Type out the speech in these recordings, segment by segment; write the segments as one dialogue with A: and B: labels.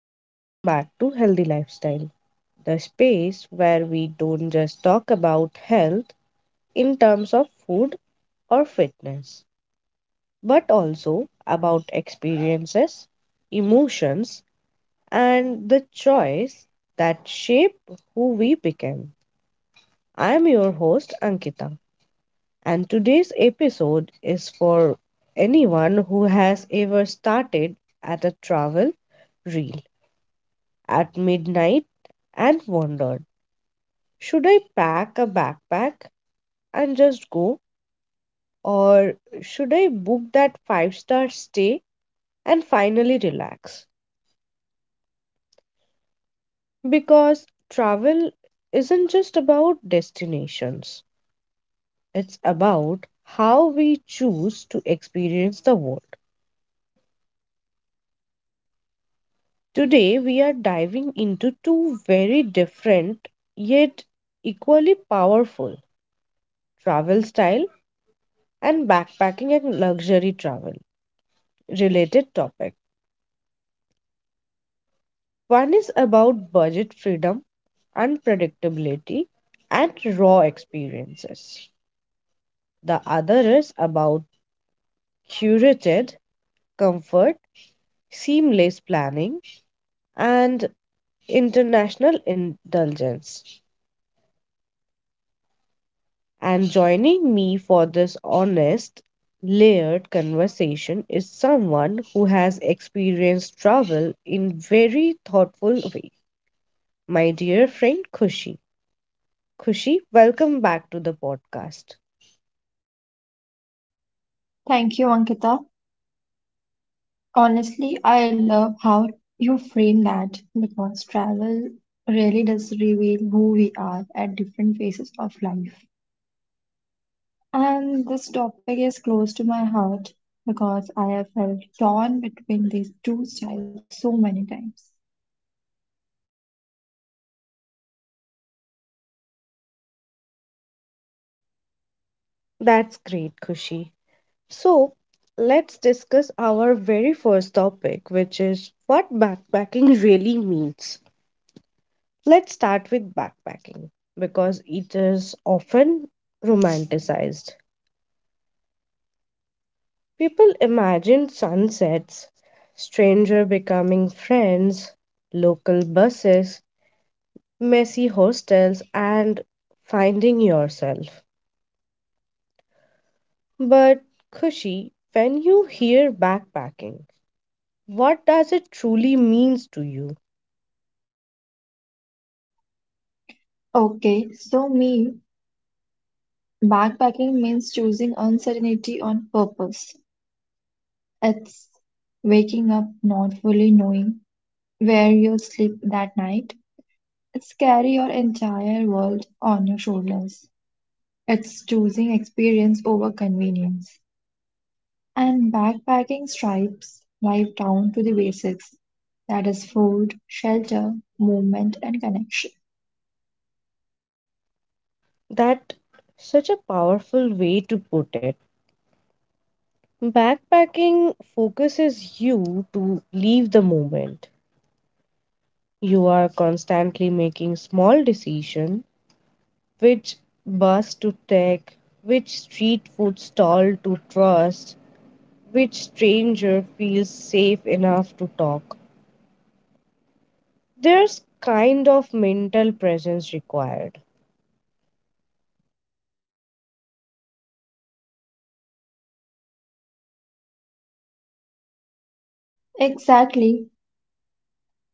A: and welcome back to Healthy Lifestyle, the space where we don't just talk about health in terms of food or fitness, but also about experiences, emotions, and the choice that shape who we become. I'm your host, Ankita, and today's episode is for anyone who has ever started at a travel reel at midnight and wondered, should I pack a backpack and just go, or should I book that five-star stay and finally relax? Because travel isn't just about destinations, it's about how we choose to experience the world. Today, we are diving into two very different yet equally powerful travel style and backpacking and luxury travel. Related topic. One is about budget freedom, unpredictability, and raw experiences. The other is about curated comfort, seamless planning, and international indulgence. And joining me for this honest, layered conversation is someone who has experienced travel in very thoughtful way. My dear friend Kushi. Kushi, welcome back to the podcast.
B: Thank you, Ankita. Honestly, I love how you frame that because travel really does reveal who we are at different phases of life. And this topic is close to my heart because I have felt torn between these two styles so many times.
A: That's great, Kushi. So, let's discuss our very first topic, which is what backpacking really means. Let's start with backpacking because it is often romanticized. People imagine sunsets, stranger becoming friends, local buses, messy hostels, and finding yourself. But, Kushi, when you hear backpacking, what does it truly means to you?
B: Okay, so me, backpacking means choosing uncertainty on purpose. It's waking up not fully knowing where you'll sleep that night. It's carry your entire world on your shoulders. It's choosing experience over convenience. And backpacking stripes life down to the basics. That is food, shelter, movement, and connection.
A: That such a powerful way to put it. Backpacking focuses you to leave the moment. You are constantly making small decisions, which bus to take, which street food stall to trust, which stranger feels safe enough to talk. There's kind of mental presence required.
B: Exactly.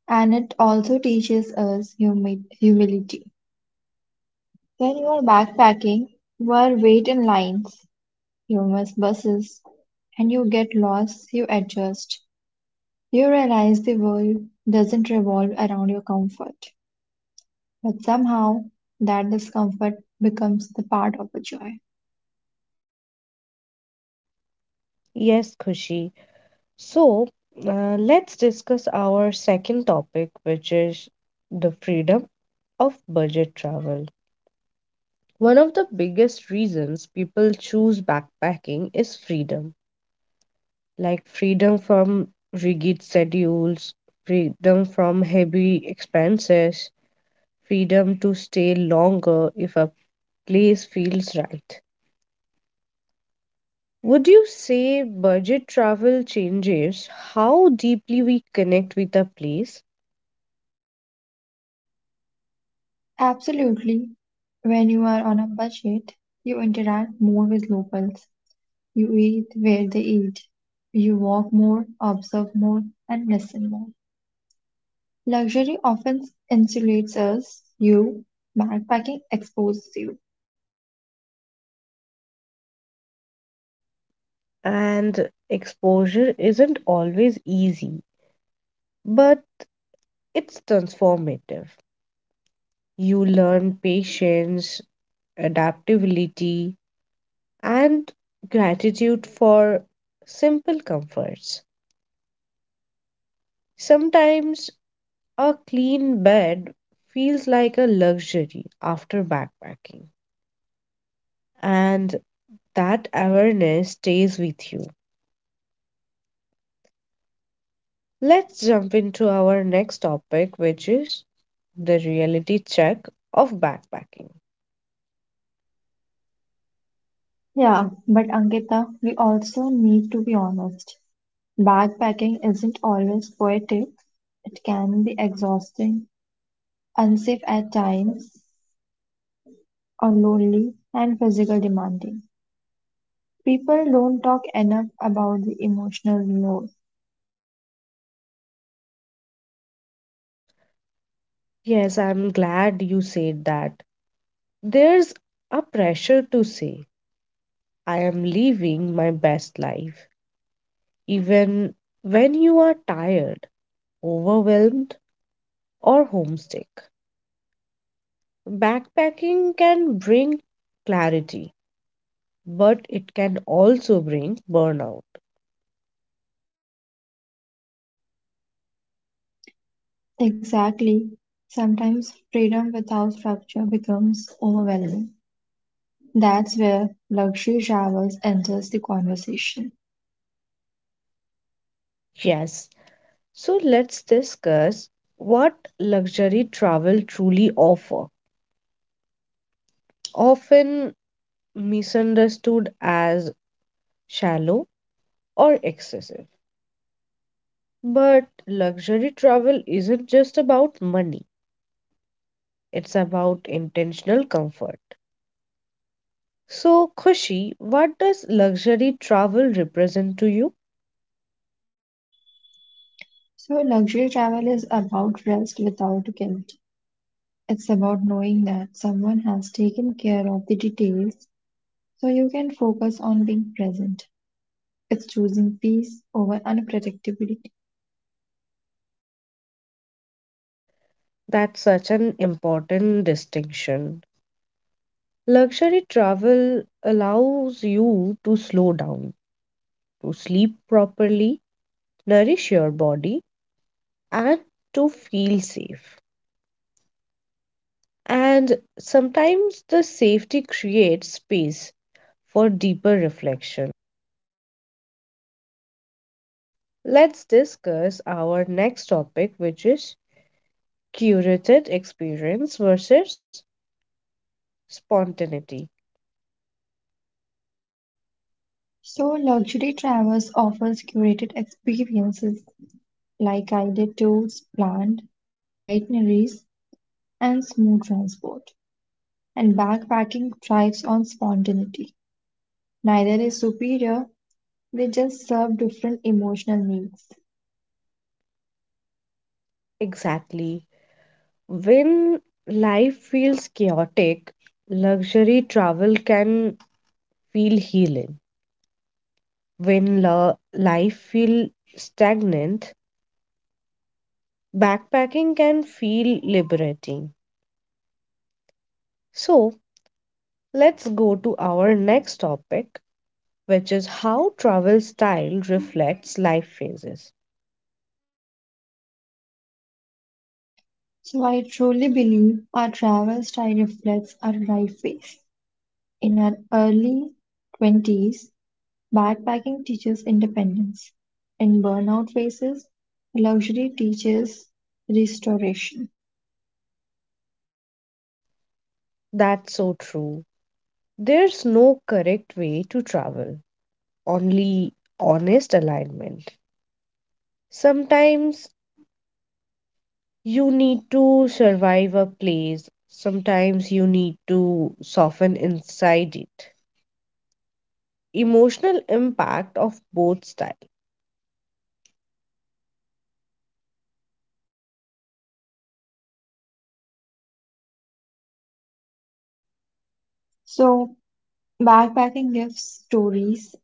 B: And it also teaches us humility. When you are backpacking, you are wait in lines, you miss buses, and you get lost, you adjust. You realize the world doesn't revolve around your comfort, but somehow that discomfort becomes the part of the joy.
A: Yes, Kushi. So, let's discuss our second topic, which is the freedom of budget travel. One of the biggest reasons people choose backpacking is freedom, like freedom from rigid schedules, freedom from heavy expenses, freedom to stay longer if a place feels right. Would you say budget travel changes how deeply we connect with a place?
B: Absolutely. When you are on a budget, you interact more with locals, you eat where they eat, you walk more, observe more, and listen more. Luxury often insulates us, you, backpacking exposes you.
A: And exposure isn't always easy, but it's transformative. You learn patience, adaptability, and gratitude for simple comforts. Sometimes a clean bed feels like a luxury after backpacking, and that awareness stays with you. Let's jump into our next topic, which is the reality check of backpacking.
B: Yeah, but Ankita, we also need to be honest. Backpacking isn't always poetic; it can be exhausting, unsafe at times, or lonely and physically demanding. People don't talk enough about the emotional load.
A: Yes, I'm glad you said that. There's a pressure to say, I am living my best life, even when you are tired, overwhelmed, or homesick. Backpacking can bring clarity, but it can also bring burnout.
B: Exactly. Sometimes freedom without structure becomes overwhelming. That's where luxury travel enters the conversation.
A: Yes, so let's discuss what luxury travel truly offer. Often misunderstood as shallow or excessive. But luxury travel isn't just about money, it's about intentional comfort. So, Khushi, what does luxury travel represent to you?
B: So, luxury travel is about rest without guilt. It's about knowing that someone has taken care of the details, so you can focus on being present. It's choosing peace over unpredictability.
A: That's such an important distinction. Luxury travel allows you to slow down, to sleep properly, nourish your body, and to feel safe. And sometimes the safety creates space for deeper reflection. Let's discuss our next topic, which is curated experience versus spontaneity.
B: So luxury travels offers curated experiences like guided tours, planned itineraries, and smooth transport. And backpacking thrives on spontaneity. Neither is superior, they just serve different emotional needs.
A: Exactly. When life feels chaotic, luxury travel can feel healing. When life feels stagnant, backpacking can feel liberating. So, let's go to our next topic, which is how travel style reflects life phases.
B: So I truly believe our travel style reflects our life phase. In our early 20s, backpacking teaches independence; in burnout phases, luxury teaches restoration.
A: That's so true. There's no correct way to travel, only honest alignment. Sometimes you need to survive a place, sometimes you need to soften inside it. Emotional impact of both style
B: So, backpacking gives stories,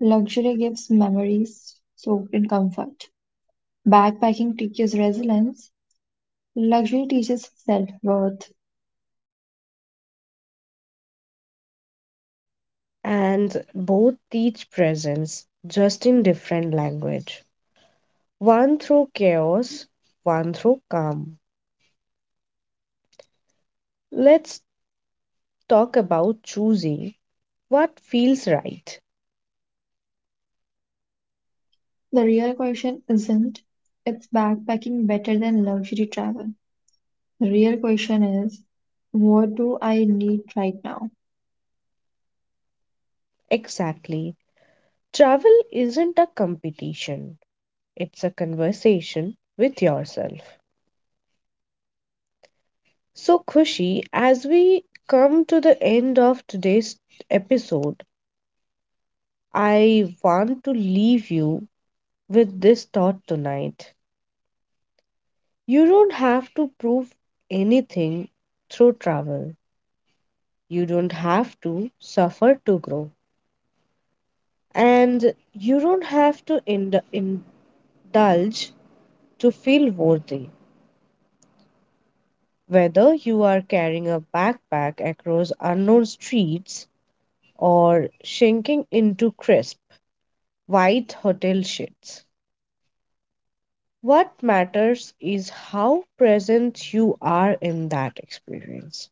B: luxury gives memories soaked in comfort. Backpacking teaches resilience, luxury teaches self worth.
A: and both teach presence just in different language. One through chaos, one through calm. Let's talk about choosing what feels right.
B: The real question isn't, is backpacking better than luxury travel? The real question is, what do I need right now?
A: Exactly. Travel isn't a competition, it's a conversation with yourself. So, Khushi, as we come to the end of today's episode, I want to leave you with this thought tonight. You don't have to prove anything through travel, you don't have to suffer to grow, and you don't have to indulge to feel worthy. Whether you are carrying a backpack across unknown streets or sinking into crisp, white hotel sheets, what matters is how present you are in that experience.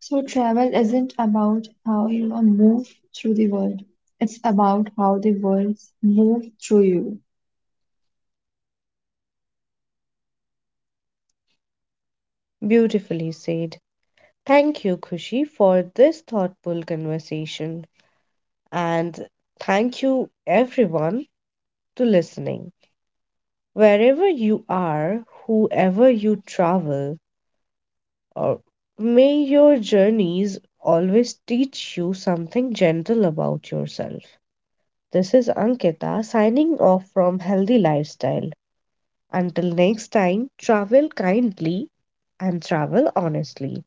B: So travel isn't about how you move through the world, it's about how the world moves through you.
A: Beautifully said. Thank you, Kushi, for this thoughtful conversation. And thank you, everyone, to listening. Wherever you are, whoever you travel, Uh, may your journeys always teach you something gentle about yourself. This is Ankita signing off from Healthy Lifestyle. Until next time, travel kindly and travel honestly.